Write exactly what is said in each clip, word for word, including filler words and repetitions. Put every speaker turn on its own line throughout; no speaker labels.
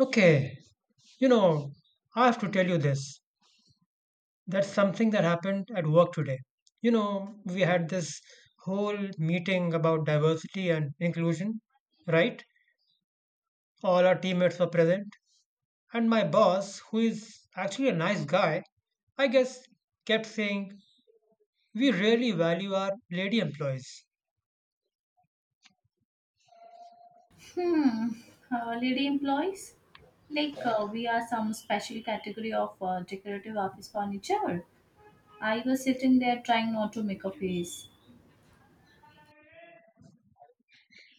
Okay, you know, I have to tell you this. That's something that happened at work today. You know, we had this whole meeting about diversity and inclusion, right? All our teammates were present. And my boss, who is actually a nice guy, I guess kept saying, we really value our lady employees.
Hmm, uh, lady employees? Like, uh, we are some special category of uh, decorative office furniture. I was sitting there trying not to make a face.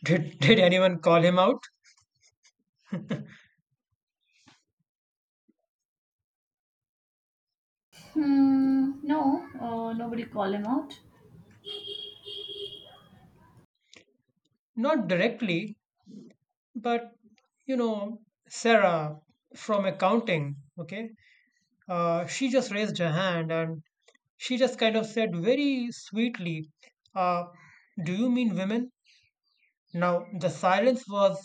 Did, did anyone call him out?
Hmm, no, uh, nobody call him out.
Not directly, but you know, Sarah from accounting, okay? Uh, she just raised her hand and she just kind of said very sweetly, uh, do you mean women? Now, the silence was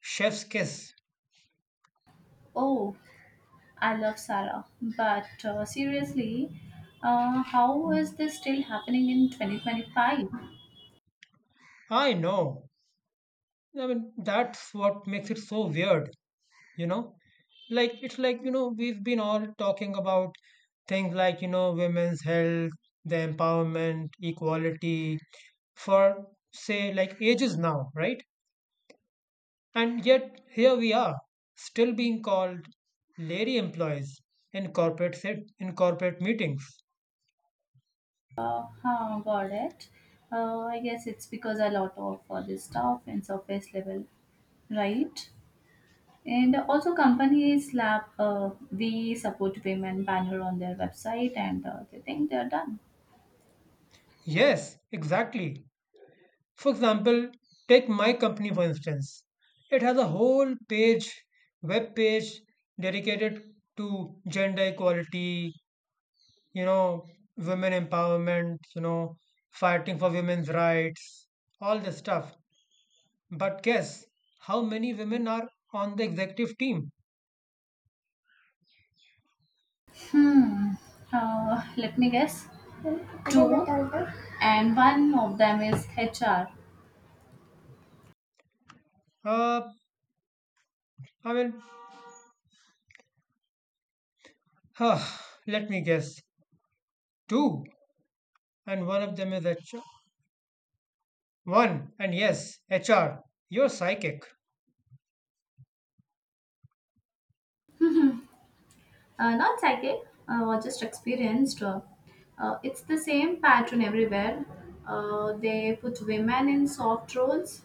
chef's kiss.
Oh, I love Sarah. But uh, seriously, uh, how is this still happening in twenty twenty-five?
I know. I mean, that's what makes it so weird, you know? Like, it's like, you know, we've been all talking about things like, you know, women's health, the empowerment, equality for, say, like ages now, right? And yet, here we are, still being called lady employees in corporate, set, in corporate meetings.
Uh, huh, got it. Uh, I guess it's because a lot of uh, this stuff in surface level, right? And also, companies slap uh, "We support women" banner on their website, and uh, they think they're done.
Yes, exactly. For example, take my company for instance. It has a whole page, web page dedicated to gender equality, you know, women empowerment, you know, fighting for women's rights, all this stuff. But guess how many women are on the executive team?
Hmm. Uh, let me guess. Two, and one of them is H R.
Uh, I mean, Ah, let me guess. Two, and one of them is H R. One, and yes, H R. You're psychic.
Uh, not psychic, uh, or just experienced. Uh, uh, it's the same pattern everywhere. Uh, they put women in soft roles,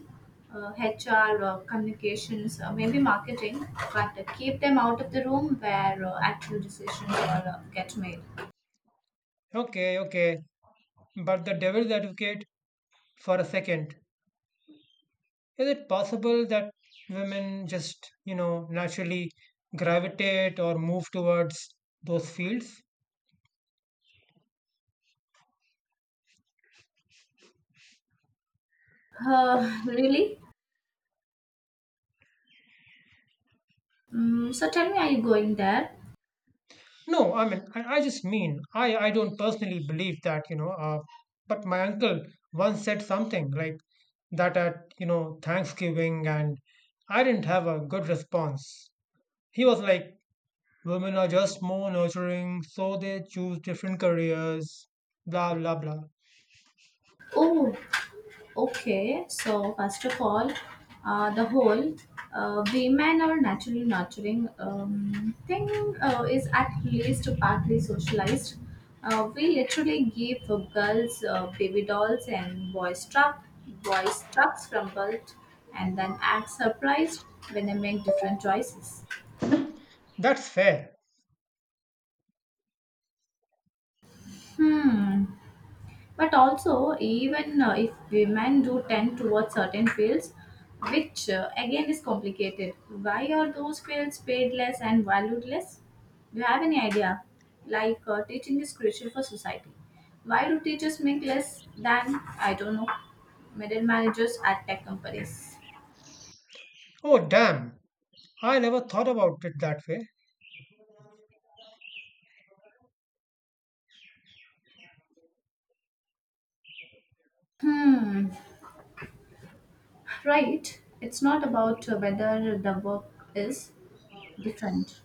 uh, H R, uh, communications, uh, maybe marketing, but uh, keep them out of the room where uh, actual decisions are uh, get made.
Okay, okay. But the devil's advocate for a second. Is it possible that women just, you know, naturally gravitate or move towards those fields?
Uh, really? Mm, so tell me, are you going there?
No, I mean, I, I just mean, I, I don't personally believe that, you know, uh, but my uncle once said something like that at, you know, Thanksgiving, and I didn't have a good response. He was like, women are just more nurturing, so they choose different careers, blah, blah, blah.
Oh, okay. So first of all, uh, the whole uh, women are naturally nurturing um, thing uh, is at least partly socialized. Uh, we literally give uh, girls uh, baby dolls and boys truck, boys trucks from birth, and then act surprised when they make different choices.
That's fair.
Hmm. But also, even uh, if women do tend towards certain fields, which uh, again is complicated, why are those fields paid less and valued less? Do you have any idea? Like uh, teaching is crucial for society. Why do teachers make less than, I don't know, middle managers at tech companies?
Oh, damn. I never thought about it that way.
Hmm, right? It's not about whether the work is different.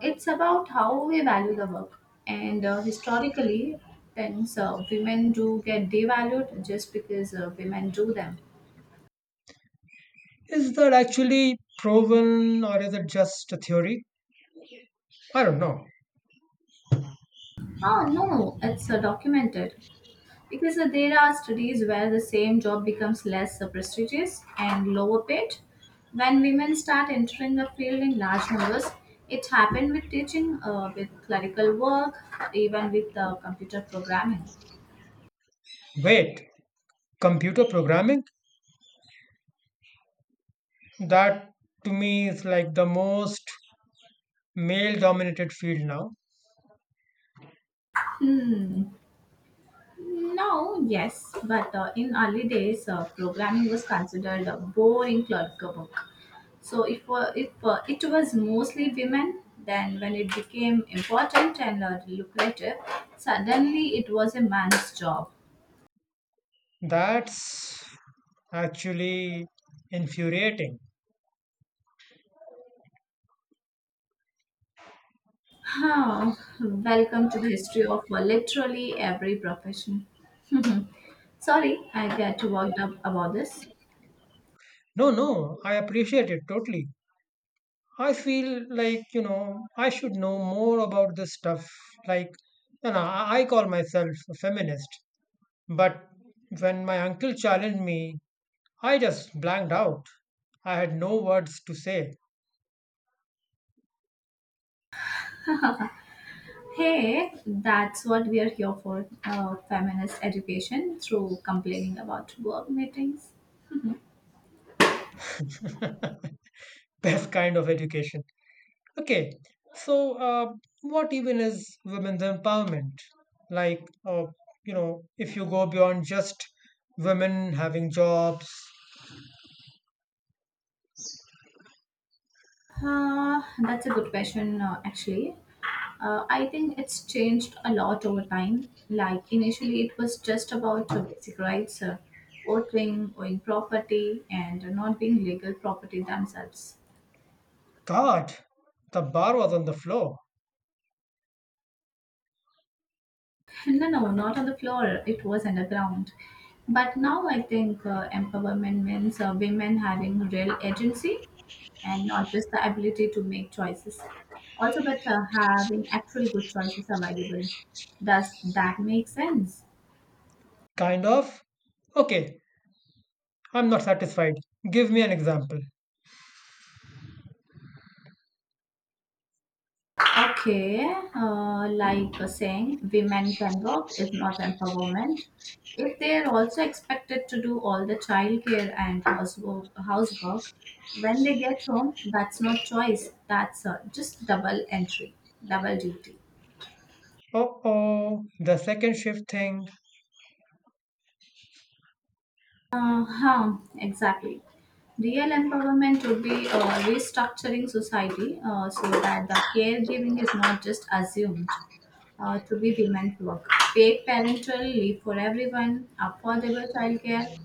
It's about how we value the work. And uh, historically, things uh, women do get devalued just because uh, women do them.
Is that actually proven or is it just a theory? I don't know.
Oh no, it's uh, documented. Because uh, there are studies where the same job becomes less uh, prestigious and lower paid. When women start entering the field in large numbers, it happened with teaching, uh, with clerical work, even with uh, computer programming.
Wait, computer programming? That to me is like the most male dominated field now.
Now, yes, but uh, in early days, uh, programming was considered a boring clerical work. So if uh, if uh, it was mostly women, then when it became important and uh, lucrative, suddenly it was a man's job.
That's actually infuriating.
Oh, welcome to the history of uh, literally every profession. Sorry, I get worked up about this.
No, no, I appreciate it totally. I feel like, you know, I should know more about this stuff. Like, you know, I I call myself a feminist, but when my uncle challenged me, I just blanked out. I had no words to say.
Hey, that's what we are here for uh, feminist education through complaining about work meetings.
Best kind of education. Okay, so uh, what even is women's empowerment? Like, uh, you know, if you go beyond just women having jobs,
Uh, that's a good question, uh, actually. Uh, I think it's changed a lot over time. Like, initially, it was just about uh, basic rights, uh, voting, owning property, and not being legal property themselves.
God, the bar was on the floor.
No, no, not on the floor. It was underground. But now I think uh, empowerment means uh, women having real agency and not just the ability to make choices. Also, but uh, having actually good choices available. Does that make sense?
Kind of. Okay, I'm not satisfied. Give me an example.
Okay, uh, like uh, saying women can work is not empowerment. If they are also expected to do all the childcare and housework, housework when they get home, that's not choice. That's uh, just double entry, double duty.
Uh-oh, the second shift thing.
Uh-huh, exactly. Real empowerment would be uh, restructuring society uh, so that the caregiving is not just assumed uh, to be women's work. Paid parental leave for everyone, affordable childcare,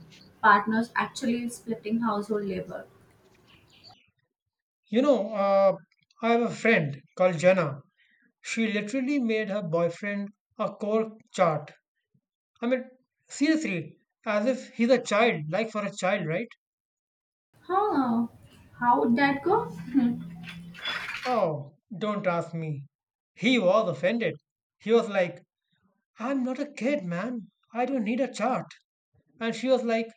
partners actually splitting household labor.
You know, uh, I have a friend called Jenna. She literally made her boyfriend a core chart I mean, seriously, as if he's a child, like for a child, right?
Huh, how would that go?
Oh, don't ask me. He was offended. He was like, I'm not a kid, man. I don't need a chart. And she was like,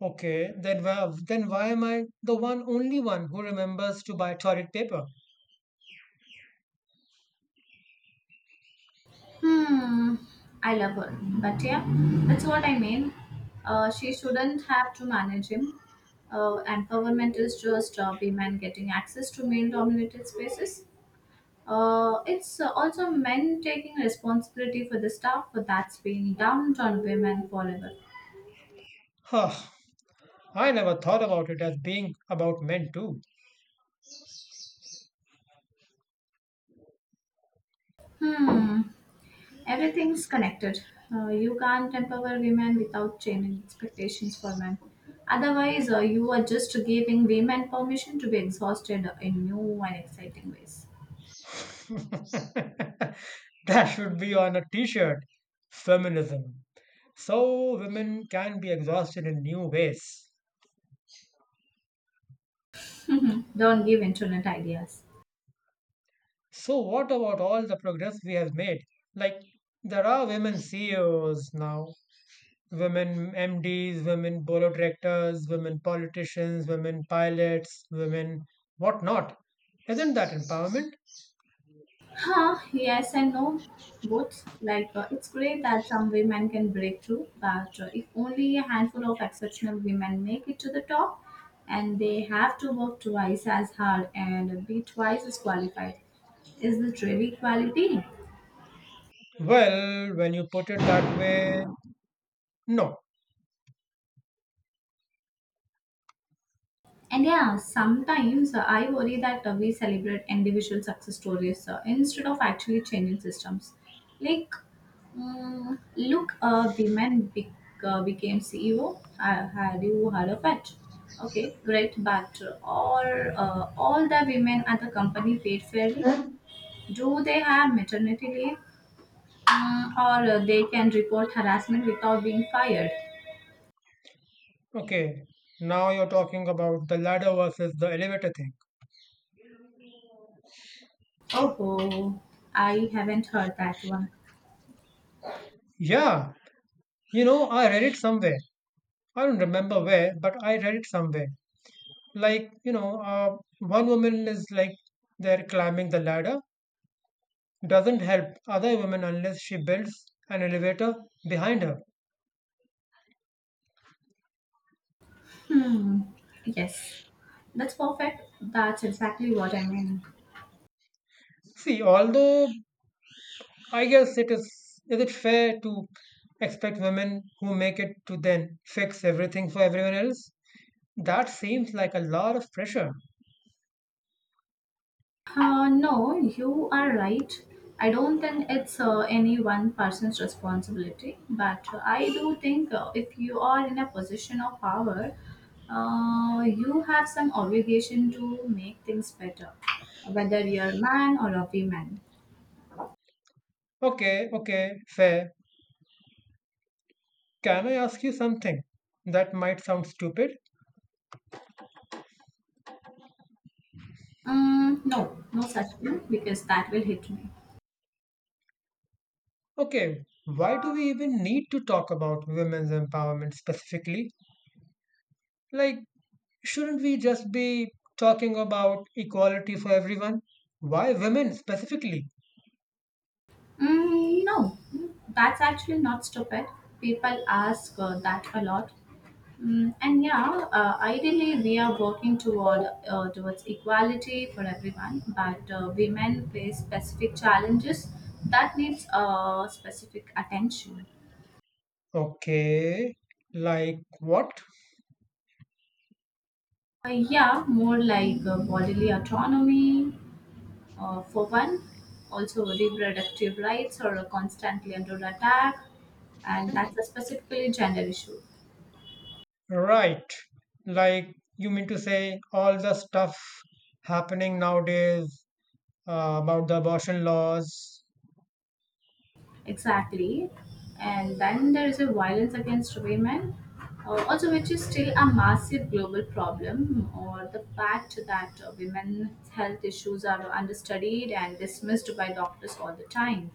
okay, then why, then why am I the one only one who remembers to buy toilet paper?
Hmm, I love her. But yeah, that's what I mean. Uh, she shouldn't have to manage him. Uh, and government is just uh, women getting access to male dominated spaces. Uh, it's uh, also men taking responsibility for the stuff that's being dumped on women forever.
Huh, I never thought about it as being about men too.
Hmm. Everything's connected. Uh, you can't empower women without changing expectations for men. Otherwise, uh, you are just giving women permission to be exhausted in new and exciting ways.
That should be on a t-shirt. Feminism. So women can be exhausted in new ways.
Don't give internet ideas.
So, what about all the progress we have made? Like, there are women C E Os now, women M Ds, women board of directors, women politicians, women pilots, women whatnot. Isn't that empowerment?
Huh, yes and no. Both. Like, uh, it's great that some women can break through, but uh, if only a handful of exceptional women make it to the top, and they have to work twice as hard and be twice as qualified. Is it really equality?
Well, when you put it that way, no.
And yeah, sometimes uh, I worry that uh, we celebrate individual success stories uh, instead of actually changing systems. Like, mm, look, a women be- uh, became C E O. Uh, had you heard of it? Okay, great, but uh, all uh, all the women at the company paid fairly. Do they have maternity leave, mm, or uh, they can report harassment without being fired?
Okay, now you're talking about the ladder versus the elevator thing.
Oh, I haven't heard that one.
Yeah, you know, I read it somewhere. I don't remember where, but I read it somewhere like you know uh, one woman is like they're climbing the ladder doesn't help other women unless she builds an elevator behind her
Yes, that's perfect. That's exactly what I mean.
see although I guess it is is it fair to expect women who make it to then fix everything for everyone else? That seems like a lot of pressure.
Uh, no, you are right. I don't think it's uh, any one person's responsibility, but I do think uh, if you are in a position of power, uh, you have some obligation to make things better, whether you're a man or a woman.
Okay, okay, fair. Can I ask you something that might sound stupid?
Um, no, no such thing because that will hit me.
Okay, why do we even need to talk about women's empowerment specifically? Like, shouldn't we just be talking about equality for everyone? Why women specifically?
Mm, no, that's actually not stupid. People ask uh, that a lot. Mm, and yeah, uh, ideally we are working toward uh, towards equality for everyone, but uh, women face specific challenges that needs uh, specific attention.
Okay, like what?
Uh, yeah, more like uh, bodily autonomy uh, for one, also reproductive rights are constantly under attack, and that's a specifically gender issue.
Right, like you mean to say all the stuff happening nowadays uh, about the abortion laws?
Exactly. And then there is a violence against women, uh, also which is still a massive global problem, or the fact that uh, women's health issues are understudied and dismissed by doctors all the time.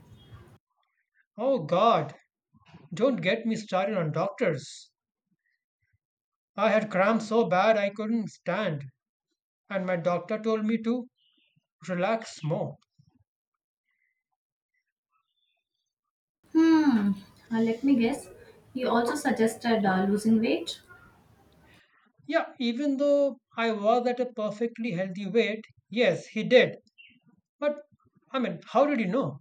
Oh God, don't get me started on doctors. I had cramps so bad I couldn't stand, and my doctor told me to relax more.
Hmm. Uh, let me guess. You also suggested uh, losing weight
Yeah, even though I was at a perfectly healthy weight, yes, he did. But I mean, how did he know?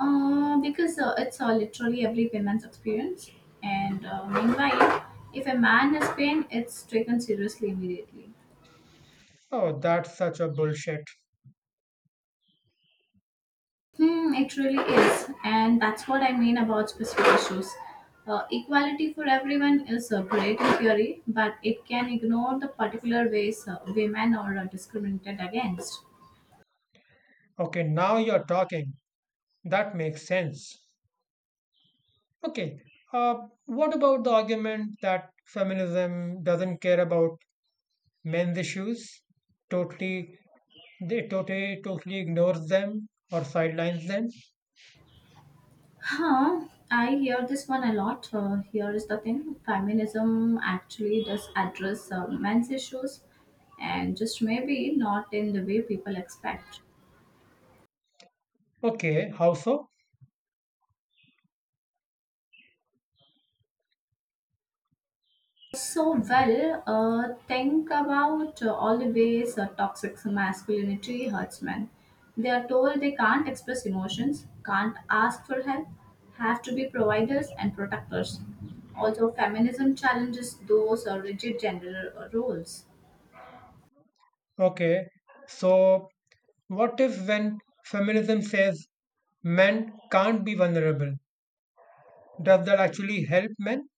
uh, because uh, it's uh, literally every woman's experience. And uh, meanwhile, if a man has pain, it's taken seriously immediately.
Oh, that's such a bullshit.
Hmm, it really is. And that's what I mean about specific issues. Uh, equality for everyone is uh, great in theory, but it can ignore the particular ways uh, women are uh, discriminated against.
Okay, now you're talking. That makes sense. Okay, uh, what about the argument that feminism doesn't care about men's issues? Totally, they totally, totally ignores them or sidelines them.
Huh, I hear this one a lot. Uh, here is the thing feminism actually does address uh, men's issues, and just maybe not in the way people expect.
Okay, how so?
So, well, uh, think about uh, all the ways uh, toxic masculinity hurts men. They are told they can't express emotions, can't ask for help, have to be providers and protectors. Also, feminism challenges those uh, rigid gender uh, roles.
Okay, so what if, when feminism says men can't be vulnerable, does that actually help men?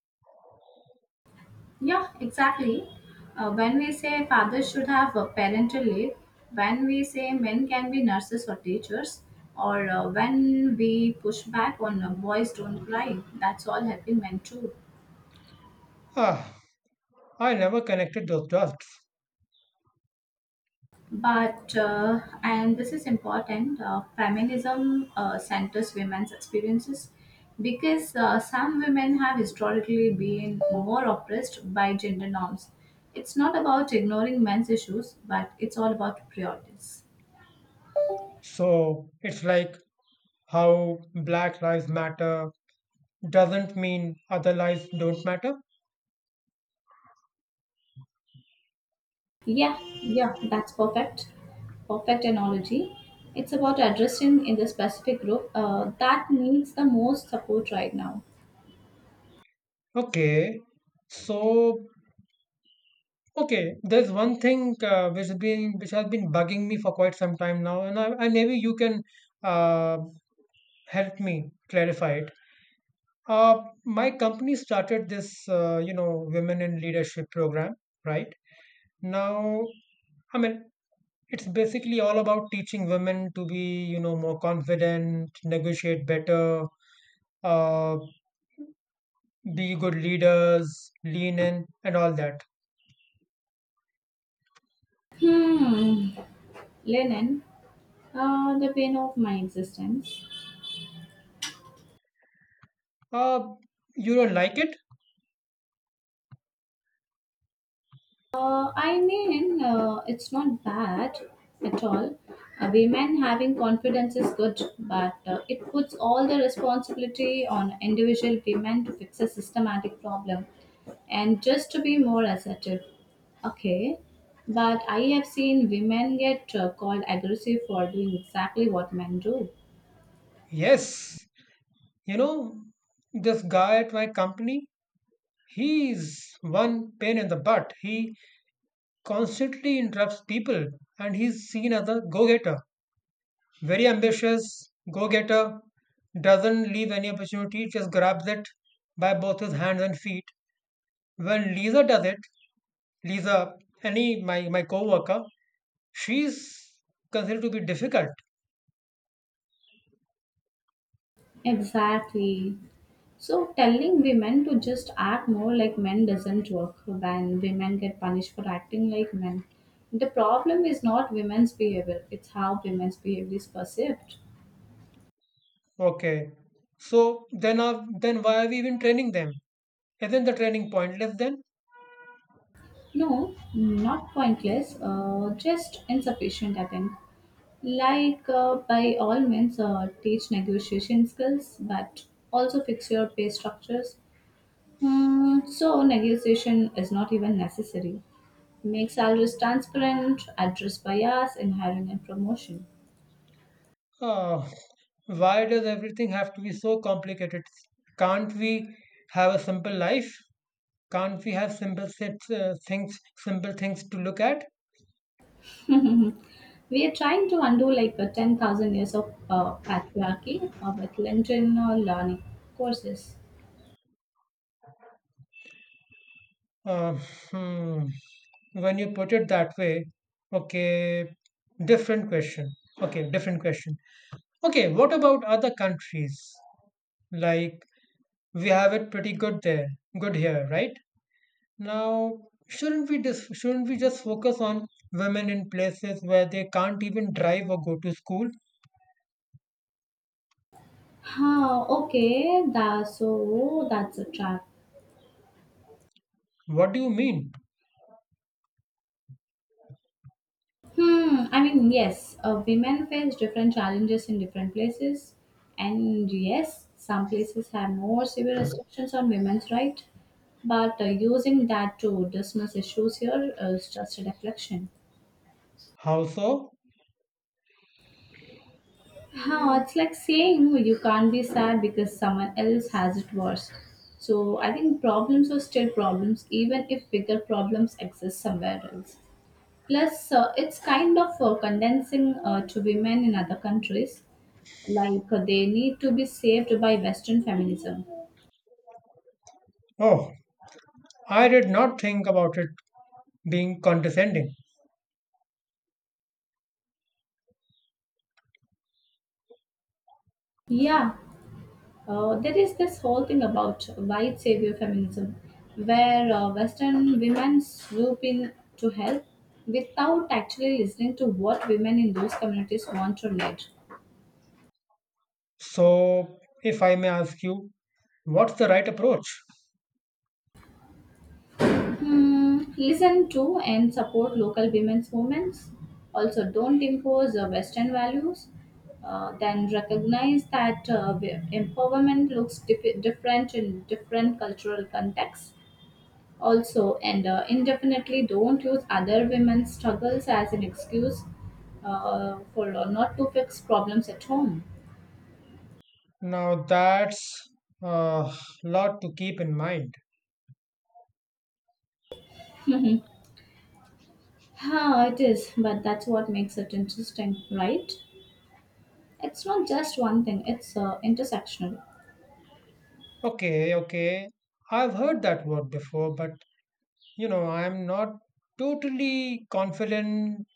Yeah, exactly. Uh, when we say fathers should have a parental leave, when we say men can be nurses or teachers, or uh, when we push back on uh, boys don't cry, that's all helping men too.
Ah, I never connected those dots.
But, uh, and this is important, uh, feminism uh, centers women's experiences because uh, some women have historically been more oppressed by gender norms. It's not about ignoring men's issues, but it's all about priorities.
So it's like how Black Lives Matter doesn't mean other lives don't matter.
Yeah, Yeah, that's perfect. Perfect analogy. It's about addressing in the specific group uh, that needs the most support right now.
Okay, so okay, there's one thing uh, which has been which has been bugging me for quite some time now, and I, and maybe you can uh, help me clarify it. Uh, my company started this, uh, you know, women in leadership program, right? Now, I mean, it's basically all about teaching women to be, you know, more confident, negotiate better, uh, be good leaders, lean in, and all that.
Hmm, linen, uh, the pain of my existence.
Uh, you don't like it?
Uh, I mean, uh, it's not bad at all. Uh, women having confidence is good, but uh, it puts all the responsibility on individual women to fix a systematic problem and just to be more assertive. Okay, but I have seen women get uh, called aggressive for doing exactly what men do.
Yes. You know, this guy at my company, he's one pain in the butt. He constantly interrupts people, and he's seen as a go-getter. Very ambitious, go getter, doesn't leave any opportunity, just grabs it by both his hands and feet. When Lisa does it, Lisa, any my, my co-worker, she's considered to be difficult.
Exactly. So telling women to just act more like men doesn't work when women get punished for acting like men. The problem is not women's behavior, it's how women's behavior is perceived.
Okay. So then uh, then why are we even training them? Isn't the training pointless then?
No, not pointless, uh, just insufficient, I think. Like, uh, by all means, uh, teach negotiation skills, but also fix your pay structures. Hmm, so negotiation is not even necessary. Make salaries transparent, address bias in hiring and promotion.
Uh, why does everything have to be so complicated? Can't we have a simple life? Can't we have simple sets, uh, things, simple things to look at?
We are trying to undo like a ten thousand years of uh, patriarchy uh, with LinkedIn learning courses.
Uh, hmm. When you put it that way, okay, different question. Okay, different question. Okay, what about other countries? Like we have it pretty good there, good here, right? Now, shouldn't we just shouldn't we just focus on women in places where they can't even drive or go to school?
Huh, okay, that, so that's a trap.
What do you mean?
Hmm, I mean, yes, uh, women face different challenges in different places, and yes, some places have more severe restrictions on women's rights, but uh, using that to dismiss issues here is just a deflection.
How so?
Huh, it's like saying you can't be sad because someone else has it worse. So I think problems are still problems, even if bigger problems exist somewhere else. Plus, uh, it's kind of uh, condensing uh, to women in other countries, like uh, they need to be saved by Western feminism.
Oh, I did not think about it being condescending.
Yeah, uh, there is this whole thing about white savior feminism, where uh, Western women swoop in to help without actually listening to what women in those communities want or need.
So, if I may ask you, what's the right approach?
Hmm, listen to and support local women's movements. Also, don't impose uh, Western values. Uh, then recognize that uh, w- empowerment looks dif- different in different cultural contexts. Also, and uh, indefinitely don't use other women's struggles as an excuse uh, for uh, not to fix problems at home.
Now, that's a lot to keep in mind.
Huh, it is, but that's what makes it interesting, right? It's not just one thing, it's uh, intersectional.
Okay, okay. I've heard that word before, but you know, I'm not totally confident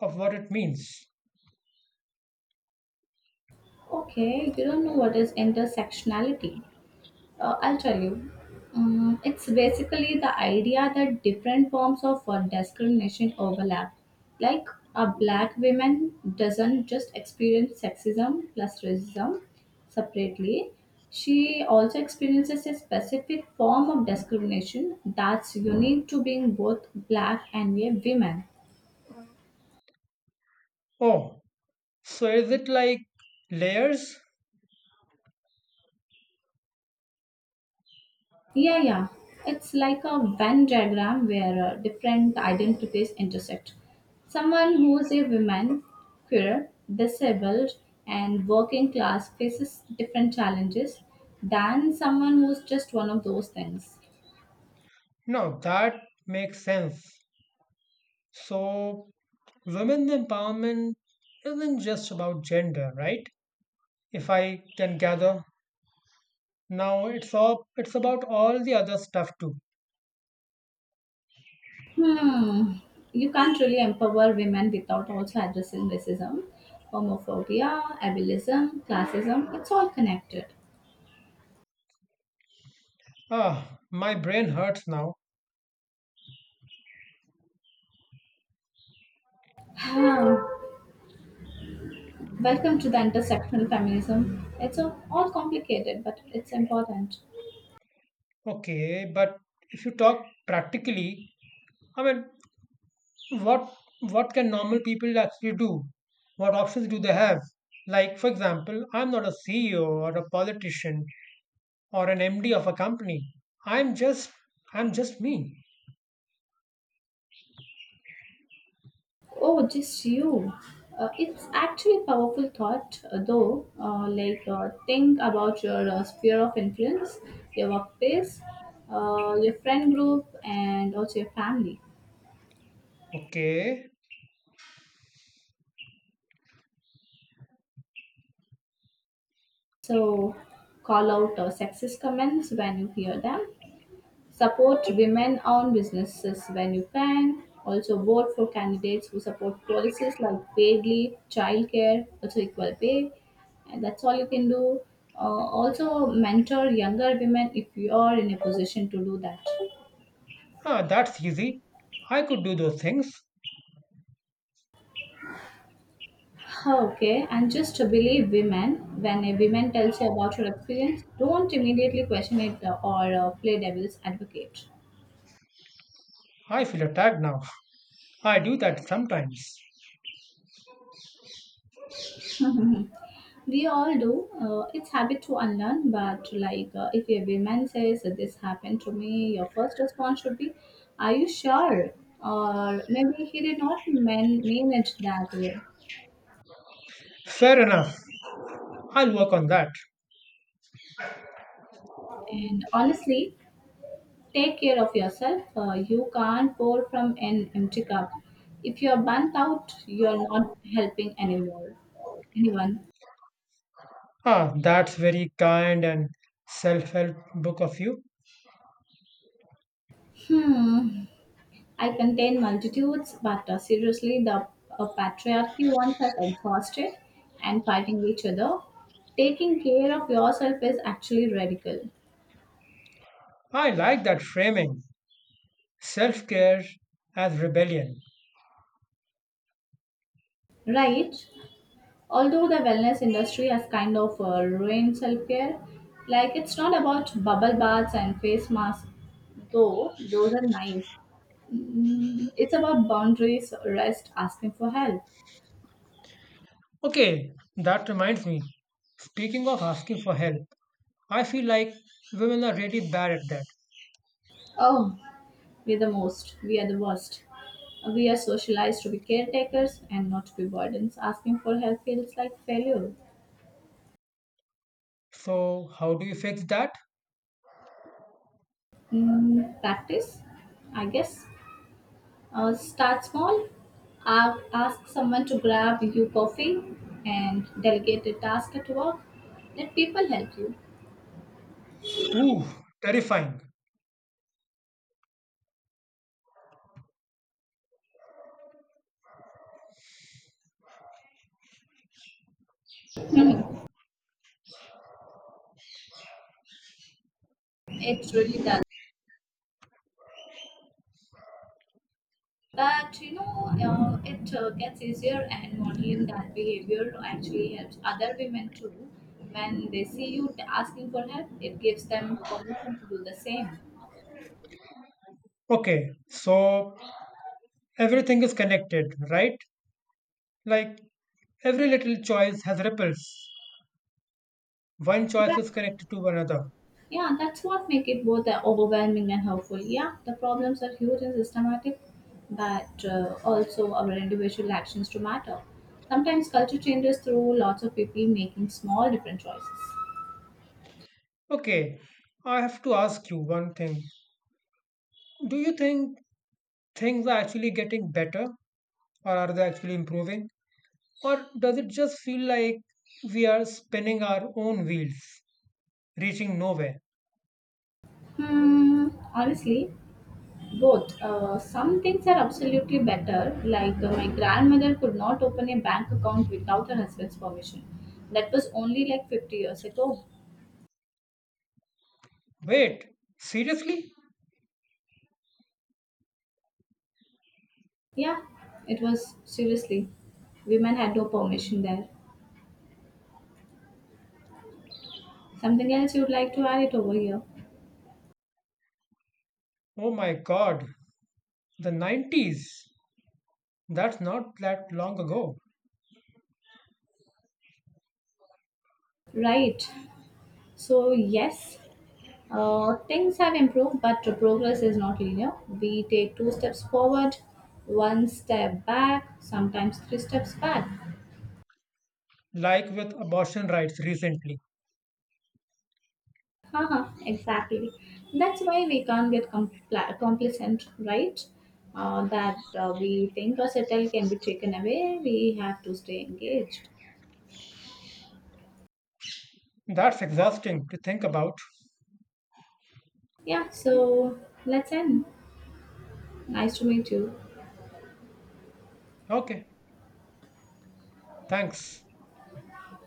of what it means.
Okay, you don't know what is intersectionality. Uh, I'll tell you. Um, it's basically the idea that different forms of uh, discrimination overlap. Like a black woman doesn't just experience sexism plus racism separately. She also experiences a specific form of discrimination that's unique to being both black and a woman.
Oh, so is it like layers?
Yeah, yeah. It's like a Venn diagram where uh, different identities intersect. Someone who is a woman, queer, disabled, and working class faces different challenges than someone who's just one of those things.
No, that makes sense. So, women's empowerment isn't just about gender, right? If I can gather. Now it's all it's about all the other stuff too.
Hmm. You can't really empower women without also addressing racism, homophobia, ableism, classism. It's all connected.
Ah, my brain hurts now.
Welcome to the intersectional feminism. It's a, all complicated, but it's important.
Okay, but if you talk practically, I mean, what what can normal people actually do? What options do they have? Like, for example, I'm not a C E O or a politician or an M D of a company. I'm just I'm just me.
Oh, just you. Uh, it's actually powerful thought, uh, though. Uh, like, uh, think about your uh, sphere of influence, your workplace, uh, your friend group, and also your family.
Okay.
So, call out uh, sexist comments when you hear them. Support women owned businesses when you can. Also, vote for candidates who support policies like paid leave, childcare, also equal pay. And that's all you can do. Uh, also, mentor younger women if you are in a position to do that.
Ah, that's easy. I could do those things.
Okay, and just to believe women, when a woman tells you about her experience, don't immediately question it uh, or uh, play devil's advocate.
I feel attacked now. I do that sometimes.
We all do. Uh, it's habit to unlearn, but like uh, if a woman says this happened to me, your first response should be, "Are you sure?" Or maybe he did not mean, mean it that way.
Fair enough. I'll work on that.
And honestly, take care of yourself. Uh, you can't pour from an empty cup. If you're burnt out, you're not helping anymore. Anyone?
Ah, that's very kind and self help book of you.
Hmm. I contain multitudes, but uh, seriously, the uh, patriarchy ones are exhausted and fighting each other. Taking care of yourself is actually radical,
I like that framing self care as rebellion.
right? Although the wellness industry has kind of uh, ruined self care, like it's not about bubble baths and face masks, though those are nice. Mm, it's about boundaries, rest, asking for help.
Okay, that reminds me. Speaking of asking for help, I feel like women are really bad at that.
Oh, We are the most, we are the worst. We are socialized to be caretakers and not to be burdens. Asking for help feels like failure.
So, how do you fix that?
Mm, practice, I guess. Uh, start small. A- Ask someone to grab you coffee and delegate a task at work. Let people help you.
Ooh, terrifying.
It really does. But you know, uh, it uh, gets easier, and modeling that behavior actually helps other women too. When they see you asking for help, it gives them permission to do the same.
Okay, so everything is connected, right? Like every little choice has ripples. One choice is
Yeah,
connected to another.
yeah, that's what make it both uh, overwhelming and helpful. Yeah, the problems are huge and systematic, but uh, also our individual actions to matter. Sometimes culture changes through lots of people making small different choices.
Okay, I have to ask you one thing. Do you think things are actually getting better, or are they actually improving? Or does it just feel like we are spinning our own wheels, reaching nowhere?
Hmm, honestly, both. Uh, some things are absolutely better. Like uh, my grandmother could not open a bank account without her husband's permission. That was only like fifty years ago.
Wait, seriously?
Yeah, it was seriously. Women had no permission there. Something else you'd like to add it over here?
Oh my god, the nineties. That's not that long ago.
Right. So, yes, uh, things have improved, but the progress is not linear. We take two steps forward, one step back, sometimes three steps back.
Like with abortion rights recently.
Haha, exactly. That's why we can't get compl- complacent, right? Uh, that uh, we think a settle can be taken away. We have to stay engaged.
That's exhausting to think about.
Yeah, so let's end. Nice to meet you.
Okay, thanks.